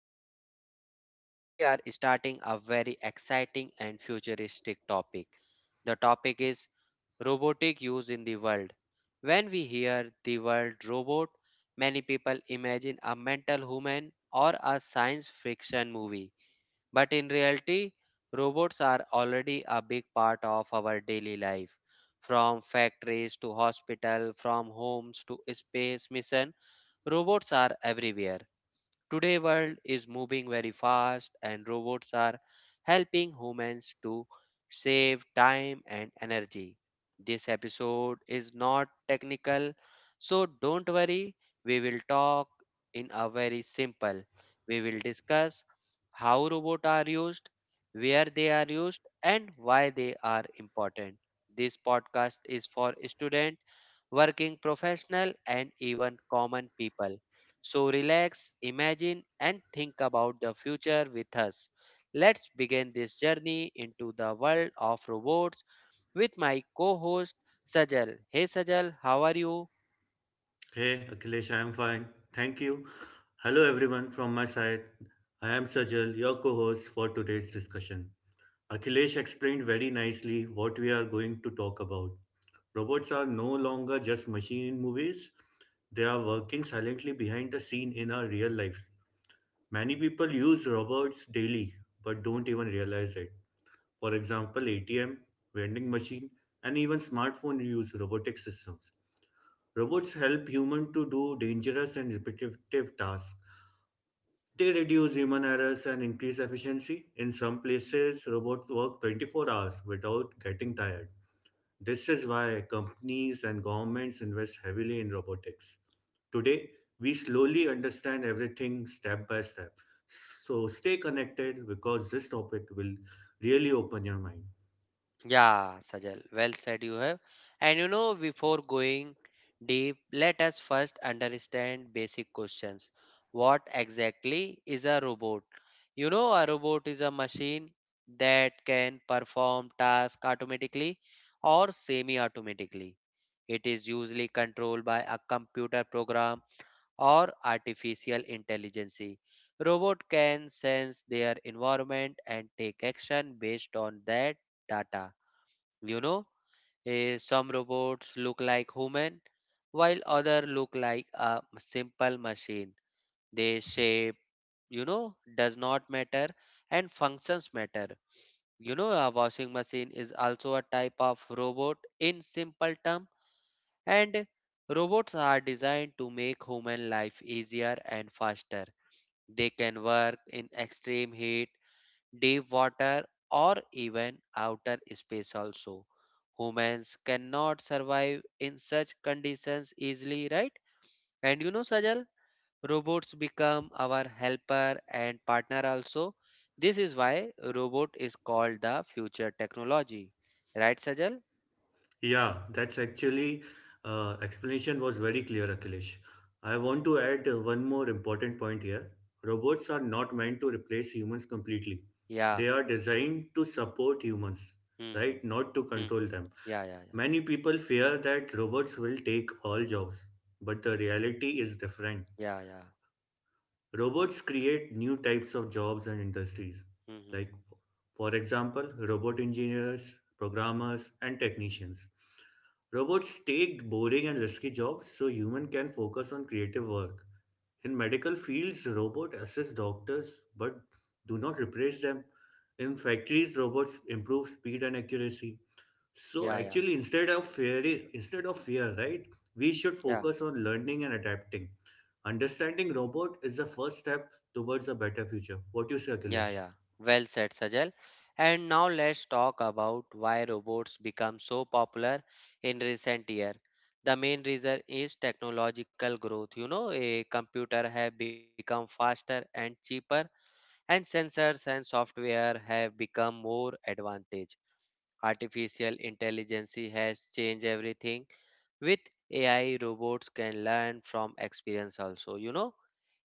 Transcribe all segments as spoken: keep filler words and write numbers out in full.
Akhilesh, and today we are starting a very exciting and futuristic topic. The topic is robotic use in the world. When we hear the word robot, many people imagine a mental human or a science fiction movie, but in reality, robots are already a big part of our daily life. From factories to hospital, from homes to space mission, robots are everywhere. Today world is moving very fast and robots are helping humans to save time and energy. This episode is not technical, so don't worry, we will talk in a very simple. We will discuss how robots are used, where they are used and why they are important. This podcast is for student, working professional and even common people, so relax, imagine, and think about the future with us. Let's begin this journey into the world of robots with my co host Sajal. Hey Sajal, how are you? Hey Akhilesh, I am fine. Thank you. Hello everyone from my side. I am Sajal, your co-host for today's discussion. Akhilesh explained very nicely what we are going to talk about. Robots are no longer just machine in movies. They are working silently behind the scene in our real life. Many people use robots daily but don't even realize it. For example, A T M, vending machine, and even smartphone use robotic systems. Robots help humans to do dangerous and repetitive tasks. They reduce human errors and increase efficiency. In some places, robots work twenty-four hours without getting tired. This is why companies and governments invest heavily in robotics. Today, we slowly understand everything step by step. So stay connected because this topic will really open your mind. Yeah, Sajal, well said you have. And you know, before going deep, let us first understand basic questions. What exactly is a robot? You know, a robot is a machine that can perform tasks automatically or semi automatically. It is usually controlled by a computer program or artificial intelligence. Robot can sense their environment and take action based on that data. You know, eh, some robots look like human while other look like a simple machine. Their shape, you know, does not matter and functions matter. You know, a washing machine is also a type of robot in simple term. And robots are designed to make human life easier and faster. They can work in extreme heat, deep water, or even outer space also. Humans cannot survive in such conditions easily, right? And you know, Sajal, robots become our helper and partner also. This is why robot is called the future technology. Right, Sajal? Yeah, that's actually uh, explanation was very clear, Akhilesh. I want to add uh, one more important point here. Robots are not meant to replace humans completely. Yeah. They are designed to support humans, hmm hmm right? Not to hmm control hmm. them. Yeah, yeah, yeah. Many people fear that robots will take all jobs, but the reality is different. Yeah, yeah. Robots create new types of jobs and industries, hmm like, for example, robot engineers, programmers, and technicians. Robots take boring and risky jobs so human can focus on creative work. In medical fields, robots assist doctors but do not replace them. In factories, robots improve speed and accuracy. Yeah, So yeah, actually, instead of fear, instead of fear, right? We should yeah, focus on learning and adapting. Understanding robot is the first step towards a better future. What do you say, yeah, Akhilesh? yeah. Well said, Sajal. And now let's talk about why robots become so popular in recent year. The main reason is technological growth. You know, a computer have become faster and cheaper, and sensors and software have become more advantage. Artificial intelligence has changed everything. With A I, robots can learn from experience also. You know,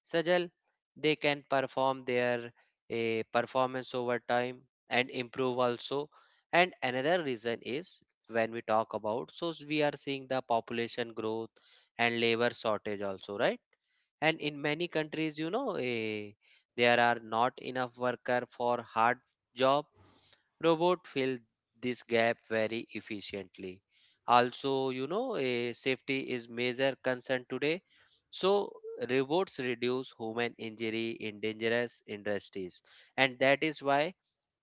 Sajal, they can perform their eh, performance over time and improve also. And another reason is when we talk about, so s- we are seeing the population growth and labor shortage also, right? And in many countries, you know, eh, there are not enough worker for hard job. Robot fill this gap very efficiently. Also, you know, a safety is major concern today. So robots reduce human injury in dangerous industries, and that is why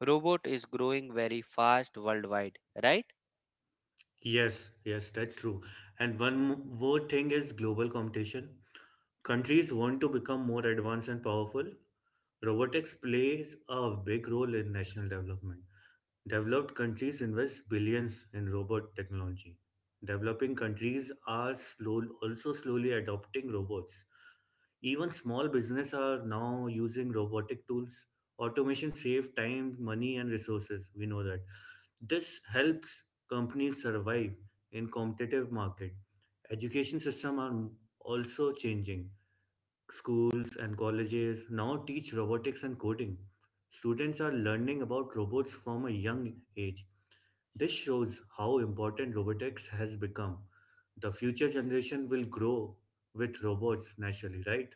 robot is growing very fast worldwide, right? Yes, yes, that's true. And one mo- more thing is global competition. Countries want to become more advanced and powerful. Robotics plays a big role in national development. Developed countries invest billions in robot technology. Developing countries are slow, also slowly adopting robots. Even small businesses are now using robotic tools. Automation saves time, money, and resources. We know that. This helps companies survive in competitive market. Education system are also changing. Schools and colleges now teach robotics and coding. Students are learning about robots from a young age. This shows how important robotics has become. The future generation will grow with robots naturally, right?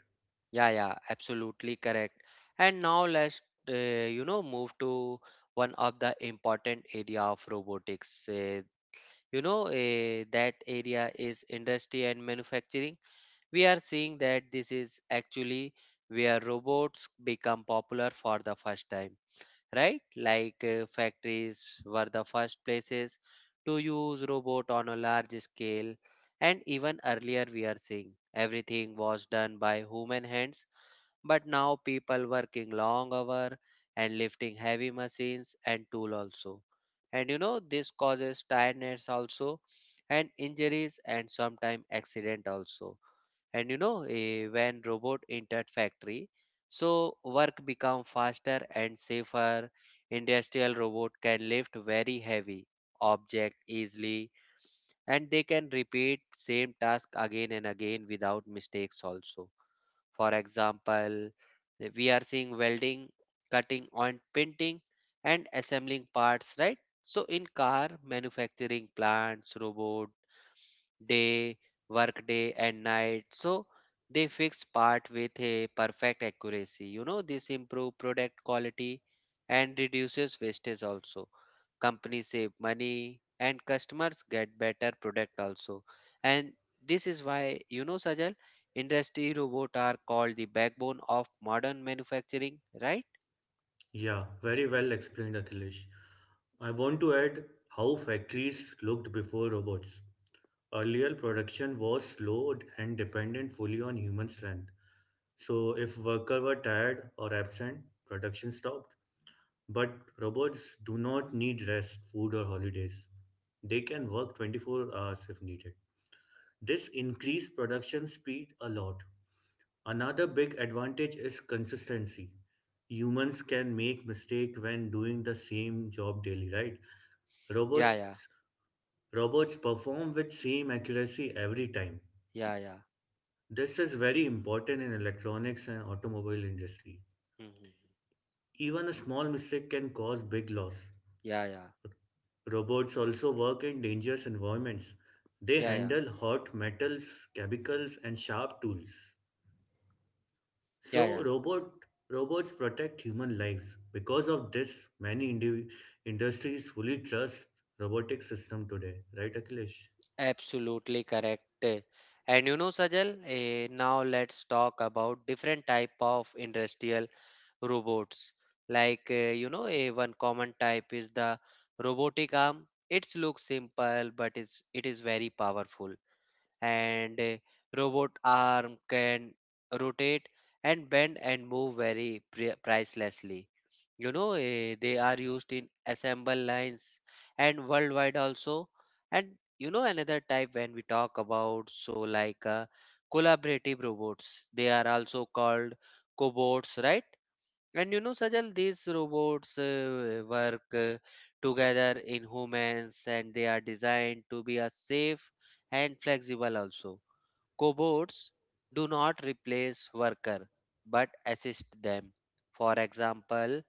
Yeah, yeah, absolutely correct. And now let's uh, you know move to one of the important area of robotics. Uh, you know uh, that area is industry and manufacturing. We are seeing that this is actually where robots become popular for the first time, right? Like uh, factories were the first places to use robot on a large scale, and even earlier we are seeing everything was done by human hands, but now people working long hour and lifting heavy machines and tool also. And you know this causes tiredness also and injuries and sometimes accident also. And you know eh, when robot entered factory, so work become faster and safer. Industrial robot can lift very heavy object easily, and they can repeat same task again and again without mistakes also. For example, eh, we are seeing welding, cutting and painting and assembling parts, right? So in car manufacturing plants, robot day, work day, and night. So they fix part with a perfect accuracy. You know, this improve product quality and reduces wastage also. Companies save money and customers get better product also. And this is why, you know, Sajal, industry robot are called the backbone of modern manufacturing, right? Yeah, very well explained, Akhilesh. I want to add how factories looked before robots. Earlier, production was slowed and dependent fully on human strength. So, if worker were tired or absent, production stopped. But robots do not need rest, food, or holidays. They can work twenty-four hours if needed. This increased production speed a lot. Another big advantage is consistency. Humans can make mistake when doing the same job daily, right? Yeah, yeah, Robots robots perform with same accuracy every time. yeah, yeah. This is very important in electronics and automobile industry. Mhm. Even a small mistake can cause big loss. Yeah, yeah, Robots also work in dangerous environments. They yeah, yeah, handle hot metals, chemicals and sharp tools. yeah, yeah. So robot robots protect human lives. Because of this, many indi- industries fully trust robotic system today. Right, Akhilesh? Absolutely correct. And you know, Sajal, eh, now let's talk about different type of industrial robots. Like eh, you know, a one common type is the robotic arm. Its looks simple, but it's it is very powerful. And a robot arm can rotate and bend and move very pri- pricelessly. You know, eh, they are used in assemble lines and worldwide also. And you know, another type when we talk about so like uh, collaborative robots, they are also called cobots, right? And you know, Sajal, these robots uh, work uh, together in humans, and they are designed to be a safe and flexible also. Cobots do not replace worker but assist them. For example,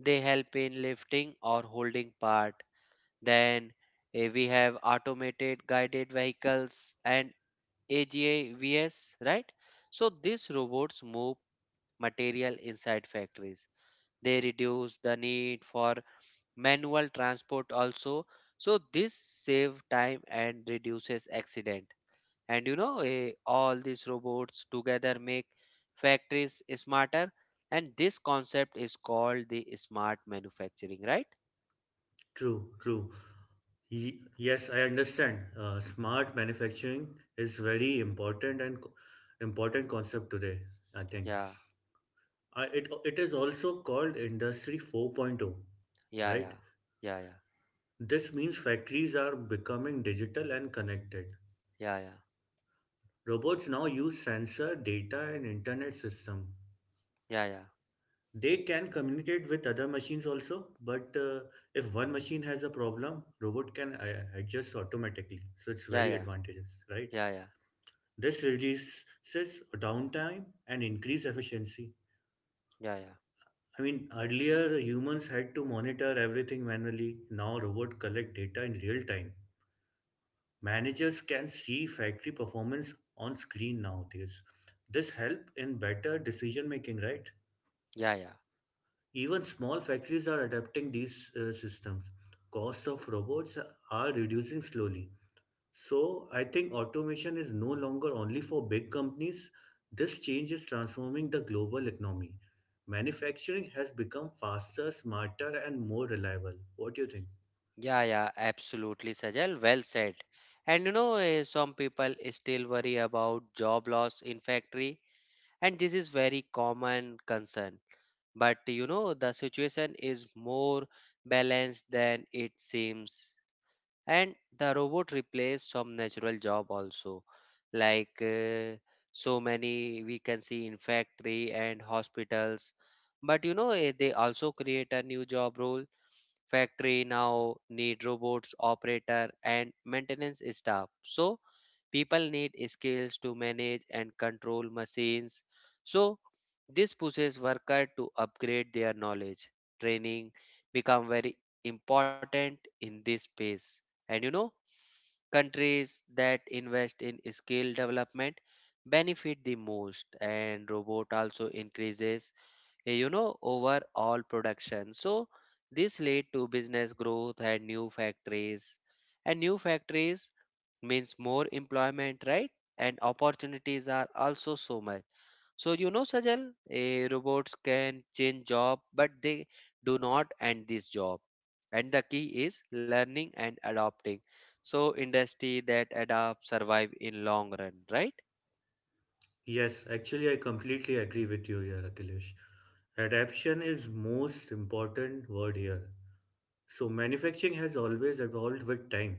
they help in lifting or holding part. Then eh, we have automated guided vehicles and A G Vs, right? So these robots move material inside factories. They reduce the need for manual transport also. So this save time and reduces accident. And you know, eh, all these robots together make factories smarter. And this concept is called the smart manufacturing, right? True, true. Ye- yes, I understand. Uh, smart manufacturing is very important and co- important concept today. I think Yeah, uh, it it is also called Industry 4.0, yeah, yeah, right? yeah, This means factories are becoming digital and connected. yeah, yeah, Robots now use sensor data and internet system. yeah, yeah, They can communicate with other machines also, but uh, if one machine has a problem, robot can uh, adjust automatically. So it's yeah, yeah, very yeah, advantageous, right? yeah, yeah, This reduces downtime and increase efficiency. yeah, I mean, earlier humans had to monitor everything manually. Now robot collect data in real time. Managers can see factory performance on screen nowadays. This help in better decision making, right? yeah, yeah. Even small factories are adapting these uh, systems. Cost of robots are reducing slowly. So I think automation is no longer only for big companies. This change is transforming the global economy. Manufacturing has become faster, smarter, and more reliable. What do you think? Yeah, yeah, absolutely, Sajal. Well said. And you know, eh, some people still worry about job loss in factory, and this is very common concern. But you know, the situation is more balanced than it seems, and the robot replace some natural job also, like uh, so many we can see in factory and hospitals. But you know, eh, they also create a new job role. Factory now need robots, operator, and maintenance staff. So people need skills to manage and control machines. So this pushes worker to upgrade their knowledge. Training become very important in this space. And you know, countries that invest in skill development benefit the most, and robot also increases, Hey, you know, overall production. So this led to business growth and new factories. And new factories means more employment, right? And opportunities are also so much. So you know, Sajal, eh, robots can change job, but they do not end this job. And the key is learning and adopting. So industry that adapt survive in long run, right? Yes, actually, I completely agree with you here, Akhilesh. Adaption is most important word here. So manufacturing has always evolved with time.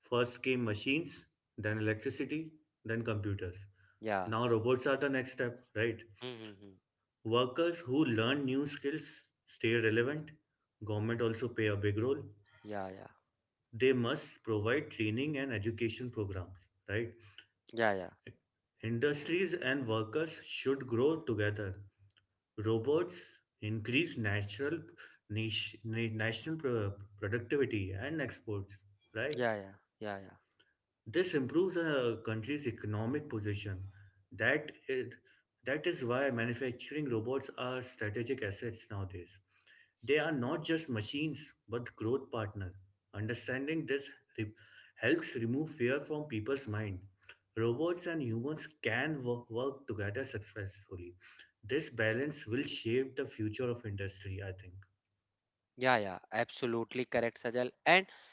First came machines, then electricity, then computers. Yeah. Now robots are the next step, right? Mm-hmm. Workers who learn new skills stay relevant. Government also play a big role. Yeah, yeah, They must provide training and education programs, right? yeah, yeah, Industries and workers should grow together. Robots increase natural niche, na- national pro- productivity and exports, right? yeah, yeah, yeah, yeah. This improves a country's economic position. That is, that is why manufacturing robots are strategic assets nowadays. They are not just machines but growth partner. Understanding this re- helps remove fear from people's mind. Robots and humans can wo- work together successfully. This balance will shape the future of industry, I think. Yeah, yeah, absolutely correct, Sajal. And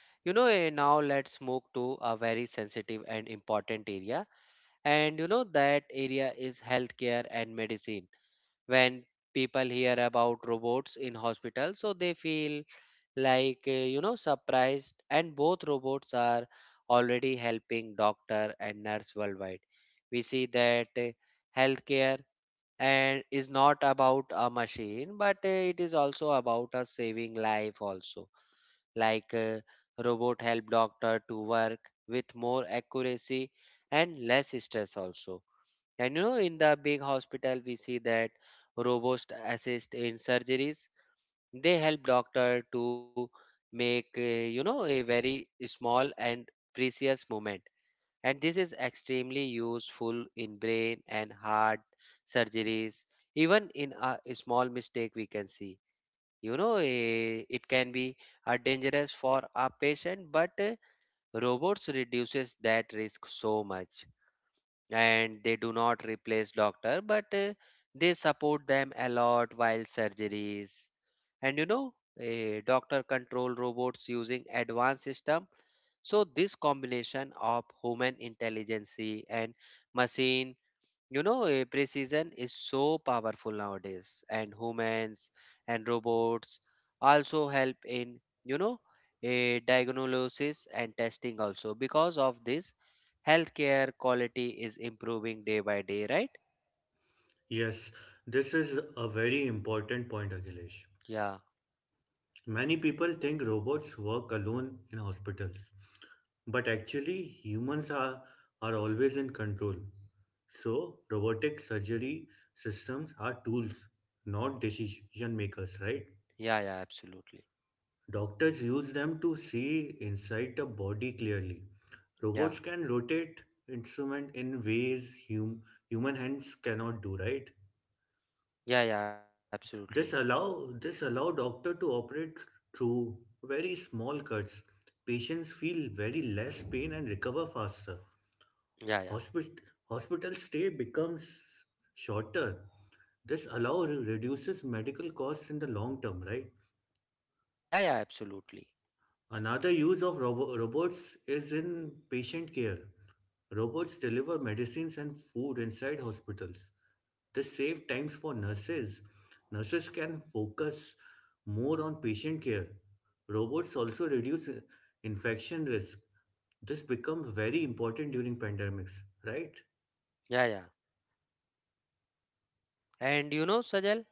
you know, eh, now let's move to a very sensitive and important area. And you know, that area is healthcare and medicine. When people hear about robots in hospital, so they feel like, eh, you know, surprised. And both robots are already helping doctor and nurse worldwide. We see that eh, healthcare and is not about a machine, but uh, it is also about us saving life also, like uh, robot help doctor to work with more accuracy and less stress also. And you know in the big hospital we see that robots assist in surgeries. They help doctor to make uh, you know a very small and precious moment, and this is extremely useful in brain and heart surgeries. Even in a small mistake we can see, you know eh, it can be uh, dangerous for a patient, but eh, robots reduces that risk so much. And they do not replace doctor, but eh, they support them a lot while surgeries. And you know a doctor control robots using advanced system. So this combination of human intelligence and machine, you know, eh, precision is so powerful nowadays. And humans and robots also help in, you know, a diagnosis and testing also. Because of this, healthcare quality is improving day by day, right? Yes, this is a very important point, Akhilesh. Yeah, Many people think robots work alone in hospitals, but actually, humans are, are always in control. So, robotic surgery systems are tools, not decision makers, right? yeah, yeah, absolutely. Doctors use them to see inside the body clearly. Yeah, Robots can rotate instrument in ways hum, human hands cannot do, right? yeah, yeah, absolutely. This allow this allow doctor to operate through very small cuts. Patients feel very less pain and recover faster. Yeah, yeah, Hospit- hospital stay becomes shorter. This allow reduces medical costs in the long term, right? yeah, yeah, absolutely. Another use of robo- robots is in patient care. Robots deliver medicines and food inside hospitals. This saves times for nurses. Nurses can focus more on patient care. Robots also reduce uh, infection risk. This becomes very important during pandemics, right? Yeah, yeah. And you know, Sajal,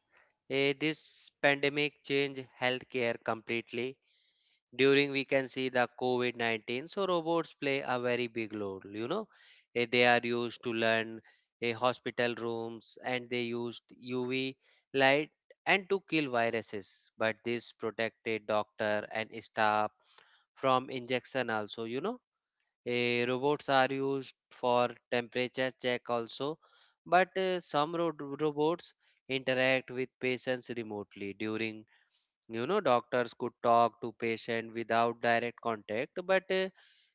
Eh, this pandemic changed healthcare completely. During we can see the COVID nineteen, so robots play a very big role. You know, Eh, they are used to learn eh, hospital rooms and they used U V light and to kill viruses. But this protected doctor and staff from injection also. You know Eh, robots are used for temperature check also, but eh, some ro- robots interact with patients remotely during you know doctors could talk to patient without direct contact but eh,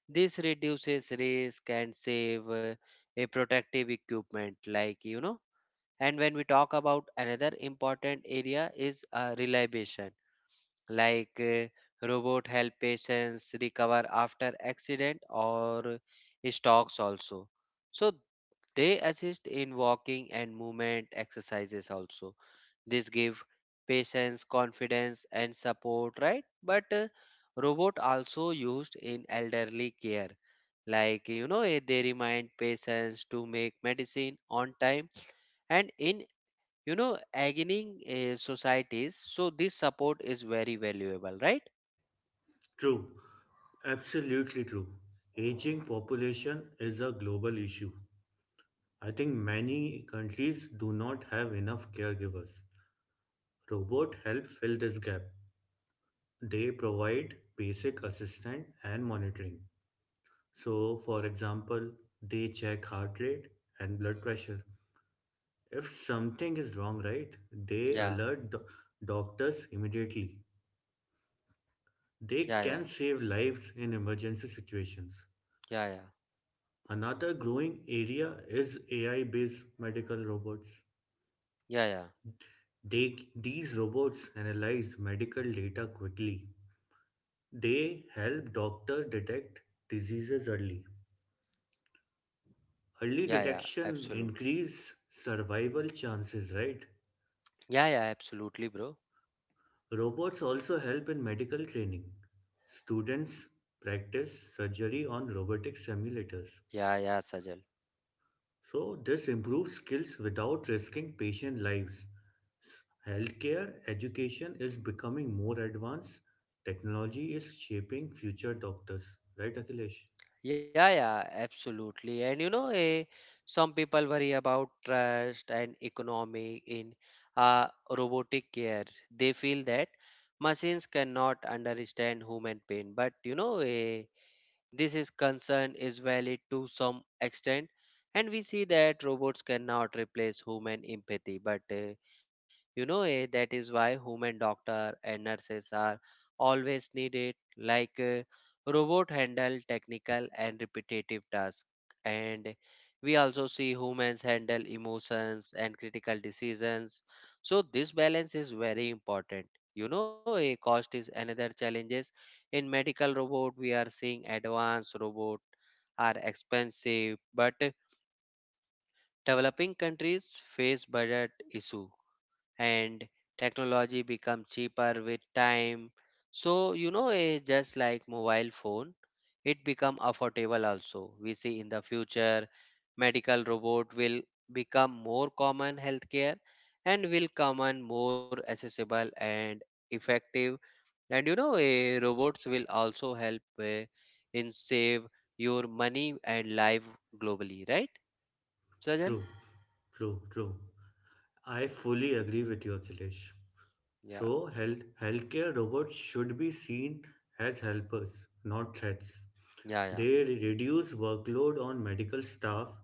this reduces risk and save eh, a protective equipment like you know and when we talk about another important area is uh, reliability like uh, robot help patients recover after accident or stocks also, so they assist in walking and movement exercises also. This give patients confidence and support, right? But uh, robot also used in elderly care, like you know eh, they remind patients to make medicine on time and in you know aging uh, societies, so this support is very valuable, right? True. Absolutely true. Aging population is a global issue. I think many countries do not have enough caregivers. Robot help fill this gap. They provide basic assistance and monitoring. So, for example, they check heart rate and blood pressure. If something is wrong, right, they Yeah, alert do- doctors immediately. They yeah, yeah, can save lives in emergency situations. yeah, yeah, Another growing area is A I based medical robots. yeah, yeah, They, these robots analyze medical data quickly. They help doctors detect diseases early. Early yeah, yeah, detection absolutely. increase survival chances, right? Yeah, yeah, absolutely, bro. Robots also help in medical training. Students practice surgery on robotic simulators. Yeah, yeah, Sajal. So, this improves skills without risking patient lives. S- Healthcare education is becoming more advanced. Technology is shaping future doctors. Right, Akhilesh? Yeah, yeah, absolutely. And you know eh, some people worry about trust and economy in uh, robotic care. They feel that machines cannot understand human pain. But you know eh, this is concern is valid to some extent, and we see that robots cannot replace human empathy. But uh, you know eh, that is why human doctor and nurses are always needed. Like uh, robot handle technical and repetitive tasks, and we also see humans handle emotions and critical decisions. So this balance is very important. You know, a cost is another challenge in medical robot. We are seeing advanced robot are expensive, but developing countries face budget issue and technology become cheaper with time. So you know eh, just like mobile phone, it become affordable. Also we see in the future medical robot will become more common healthcare and will common more accessible and effective. And you know, eh, robots will also help eh, in save your money and life globally, right, Sajal? True, true, true. I fully agree with you, Akhilesh. Yeah, So, health healthcare robots should be seen as helpers, not threats. yeah, yeah, They re- reduce workload on medical staff.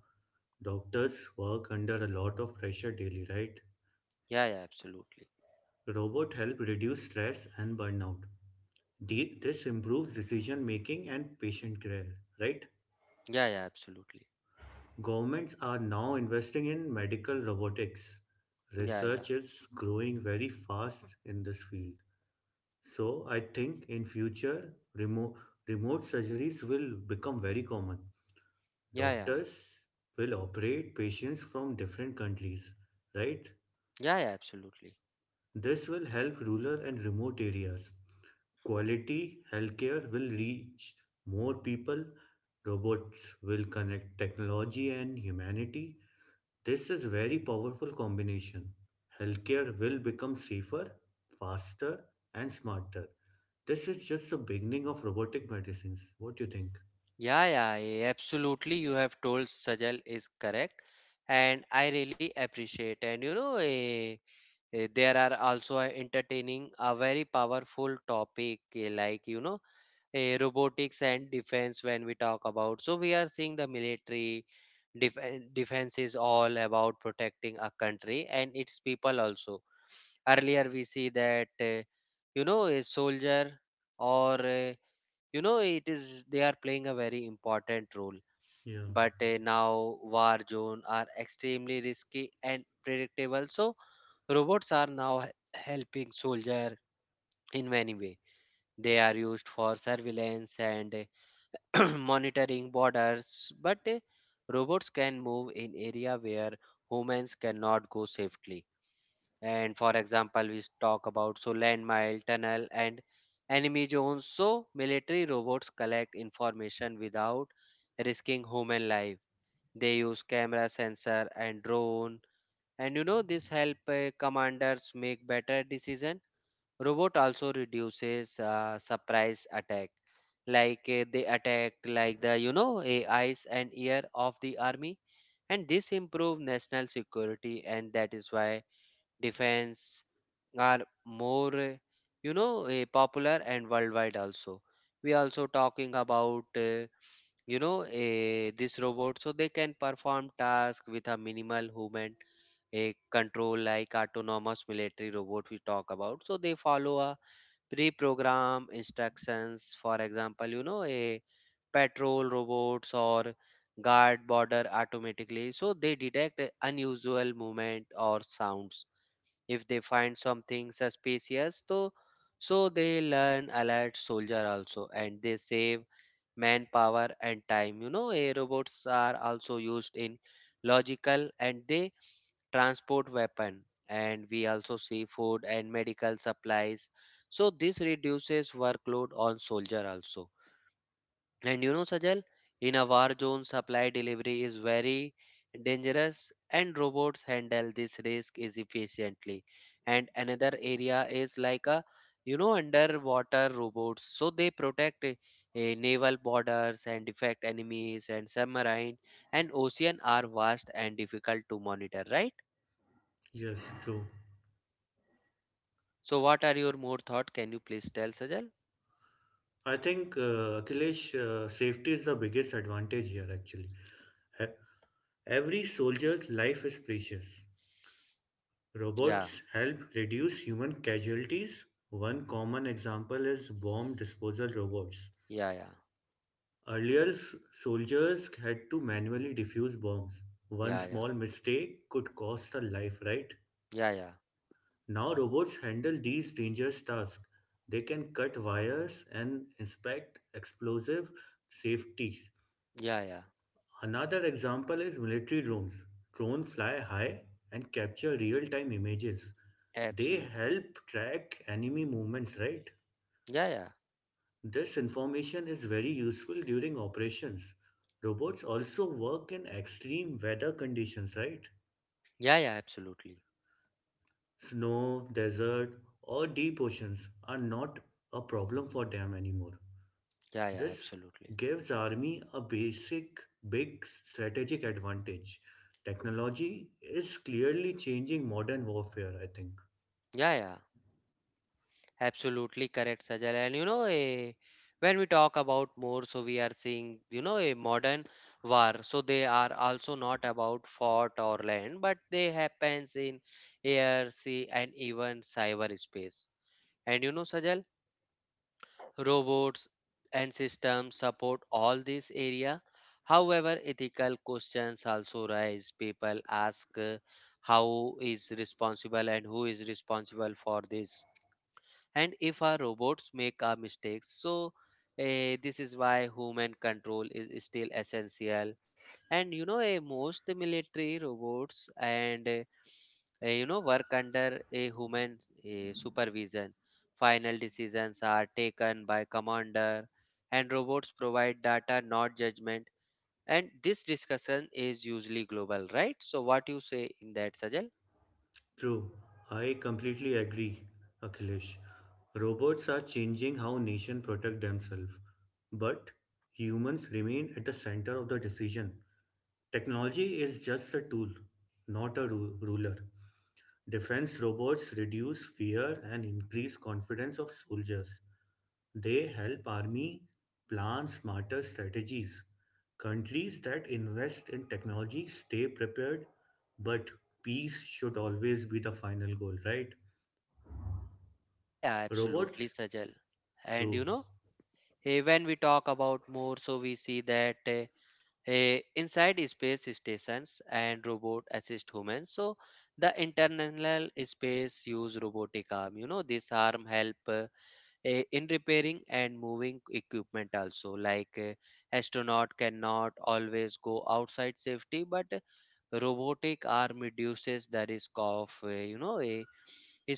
Doctors work under a lot of pressure daily, right? yeah, yeah, absolutely. Robot help reduce stress and burnout. The- This improves decision making and patient care, right? Yeah, yeah, absolutely. Governments are now investing in medical robotics. Yeah, yeah, Research is growing very fast in this field. So I think in future remote remote surgeries will become very common. yeah, yeah, Doctors will operate patients from different countries, right? yeah, yeah, absolutely. This will help rural and remote areas. Quality healthcare will reach more people. Robots will connect technology and humanity. This is very powerful combination. Healthcare will become safer, faster, and smarter. This is just the beginning of robotic medicines. What do you think? Yeah, yeah, yeah, absolutely. You have told Sajal is correct, and I really appreciate. And you know, eh, eh, there are also a entertaining a very powerful topic eh, like you know eh, robotics and defense, when we talk about. So we are seeing the military def- defense is all about protecting a country and its people also. Earlier we see that uh, you know a soldier or uh, you know it is they are playing a very important role. Yeah. But uh, now war zone are extremely risky and predictable, so robots are now he- helping soldier in many way. They are used for surveillance and monitoring borders, but uh, robots can move in area where humans cannot go safely. And for example, we talk about so landmine, tunnel, and enemy zones. So military robots collect information without risking human life. They use camera sensor and drone, and you know this help uh, commanders make better decision. Robot also reduces uh, surprise attack, like uh, they attacked like the you know A Is and ear of the army, and this improve national security, and that is why defense are more uh, you know uh, popular and worldwide also. We also talking about uh, you know uh, this robot, so they can perform tasks with a minimal human a control, like autonomous military robot we talk about. So they follow a pre-program instructions. For example, you know a patrol robots or guard border automatically, so they detect a unusual movement or sounds. If they find something suspicious, so so they learn alert soldier also, and they save manpower and time. You know, a robots are also used in logical, and they transport weapon, and we also see food and medical supplies. So this reduces workload on soldier also. And you know, Sajal, in a war zone, supply delivery is very dangerous, and robots handle this risk is efficiently. And another area is like a you know underwater robots, so they protect a, a naval borders and defect enemies and submarine. And ocean are vast and difficult to monitor, right? Yes, true. So what are your more thought? Can you please tell, Sajal? I think uh, Akhilesh, uh, safety is the biggest advantage here actually. E- Every soldier's life is precious. Yeah, Robots help reduce human casualties. One common example is bomb disposal robots. yeah, yeah, Earlier, s- soldiers had to manually defuse bombs. One yeah, yeah, small mistake could cost a life, right? yeah, yeah, Now, robots handle these dangerous tasks. They can cut wires and inspect explosive safety. yeah, yeah, Another example is military drones. Drones fly high and capture real time images. They absolutely. help track enemy movements, right? Yeah, yeah, This information is very useful during operations. Robots also work in extreme weather conditions, right? yeah, yeah, absolutely. Snow, desert, or deep oceans are not a problem for them anymore. Yeah, yeah, This absolutely. gives army a basic big strategic advantage. Technology is clearly changing modern warfare, I think. Yeah, yeah, absolutely correct, Sajal. And you know, a, when we talk about more, so we are seeing, you know, a modern war. So they are also not about fort or land, but they happens in air, sea, and even cyberspace. And you know, Sajal, robots and systems support all this area. However, ethical questions also rise. People ask, uh, how is responsible and who is responsible for this, and if our robots make our mistakes. So eh, this is why human control is still essential. And you know eh, most military robots and eh, uh, you know work under a human uh, supervision. Final decisions are taken by commander, and robots provide data, not judgment. And this discussion is usually global, right? So what you say in that, Sajal? True, I completely agree, Akhilesh. Robots are changing how nations protect themselves, but humans remain at the center of the decision. Technology is just a tool, not a ru- ruler. Defense robots reduce fear and increase confidence of soldiers. They help army plan smarter strategies. Countries that invest in technology stay prepared, but peace should always be the final goal, right? Yeah, yeah, absolutely, Robots? Sajal. And True, you know eh, when we talk about more, so we see that eh, eh, inside space stations and robot assist humans. So the international space use robotic arm. You know this arm help uh, eh, in repairing and moving equipment also. Like eh, astronaut cannot always go outside safety, but uh, robotic arm reduces the risk of eh, you know a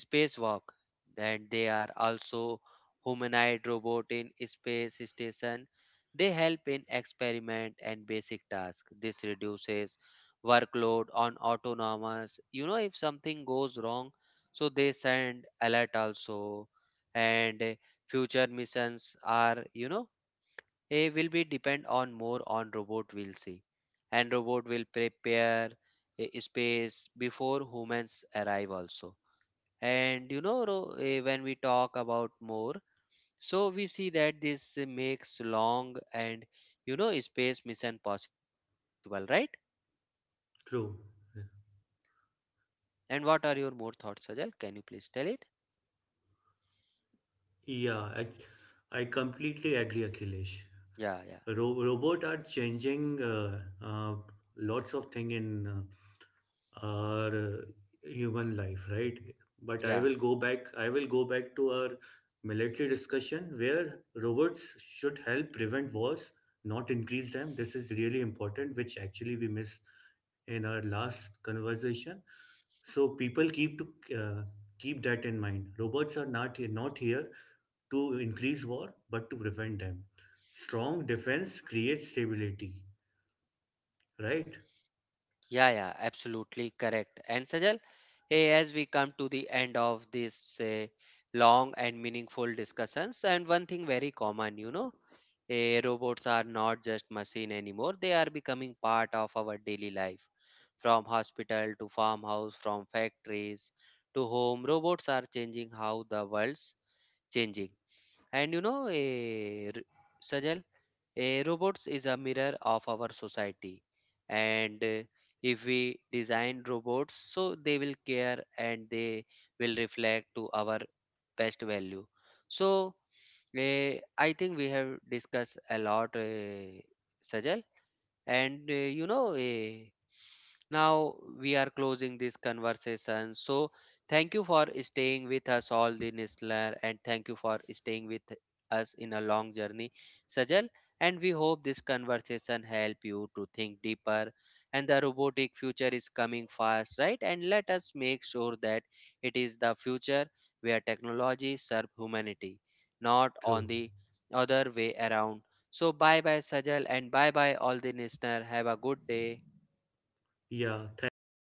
spacewalk. That they are also humanoid robot in space station. They help in experiment and basic tasks. This reduces workload on autonomous. You know, if something goes wrong, so they send alert also. And eh, future missions are you know eh, will be depend on more on robot, will see. And robot will prepare eh, space before humans arrive also. And you know, Ro- eh, when we talk about more, so we see that this makes long and you know space mission possible, right? true. And what are your more thoughts, Sajal? Can you please tell it? Yeah, I, I completely agree, Akhilesh. Yeah, yeah, Ro- robot are changing uh, uh, lots of thing in uh, our uh, human life, right? But I yeah, will go back. I will go back to our military discussion where robots should help prevent wars, not increase them. This is really important, which actually we missed in our last conversation. So people keep to uh, keep that in mind. Robots are not here, not here to increase war, but to prevent them. Strong defense creates stability, right? yeah, yeah, absolutely correct. And Sajal, hey, as we come to the end of this uh, long and meaningful discussions, and one thing very common, you know, eh, robots are not just machine anymore. They are becoming part of our daily life. From hospital to farmhouse, from factories to home, robots are changing how the world's changing. And you know, eh, Sajal, eh, robots is a mirror of our society. And eh, if we design robots, so they will care and they will reflect to our best value. So eh, I think we have discussed a lot, eh, Sajal. And eh, you know, eh, now we are closing this conversation. So thank you for staying with us all the listener, and thank you for staying with us in a long journey, Sajal. And we hope this conversation help you to think deeper. And the robotic future is coming fast, right? And let us make sure that it is the future where technology serve humanity, not on True. the other way around. So bye bye, Sajal, and bye bye all the listener. Have a good day. Yeah. Thank. Thanks.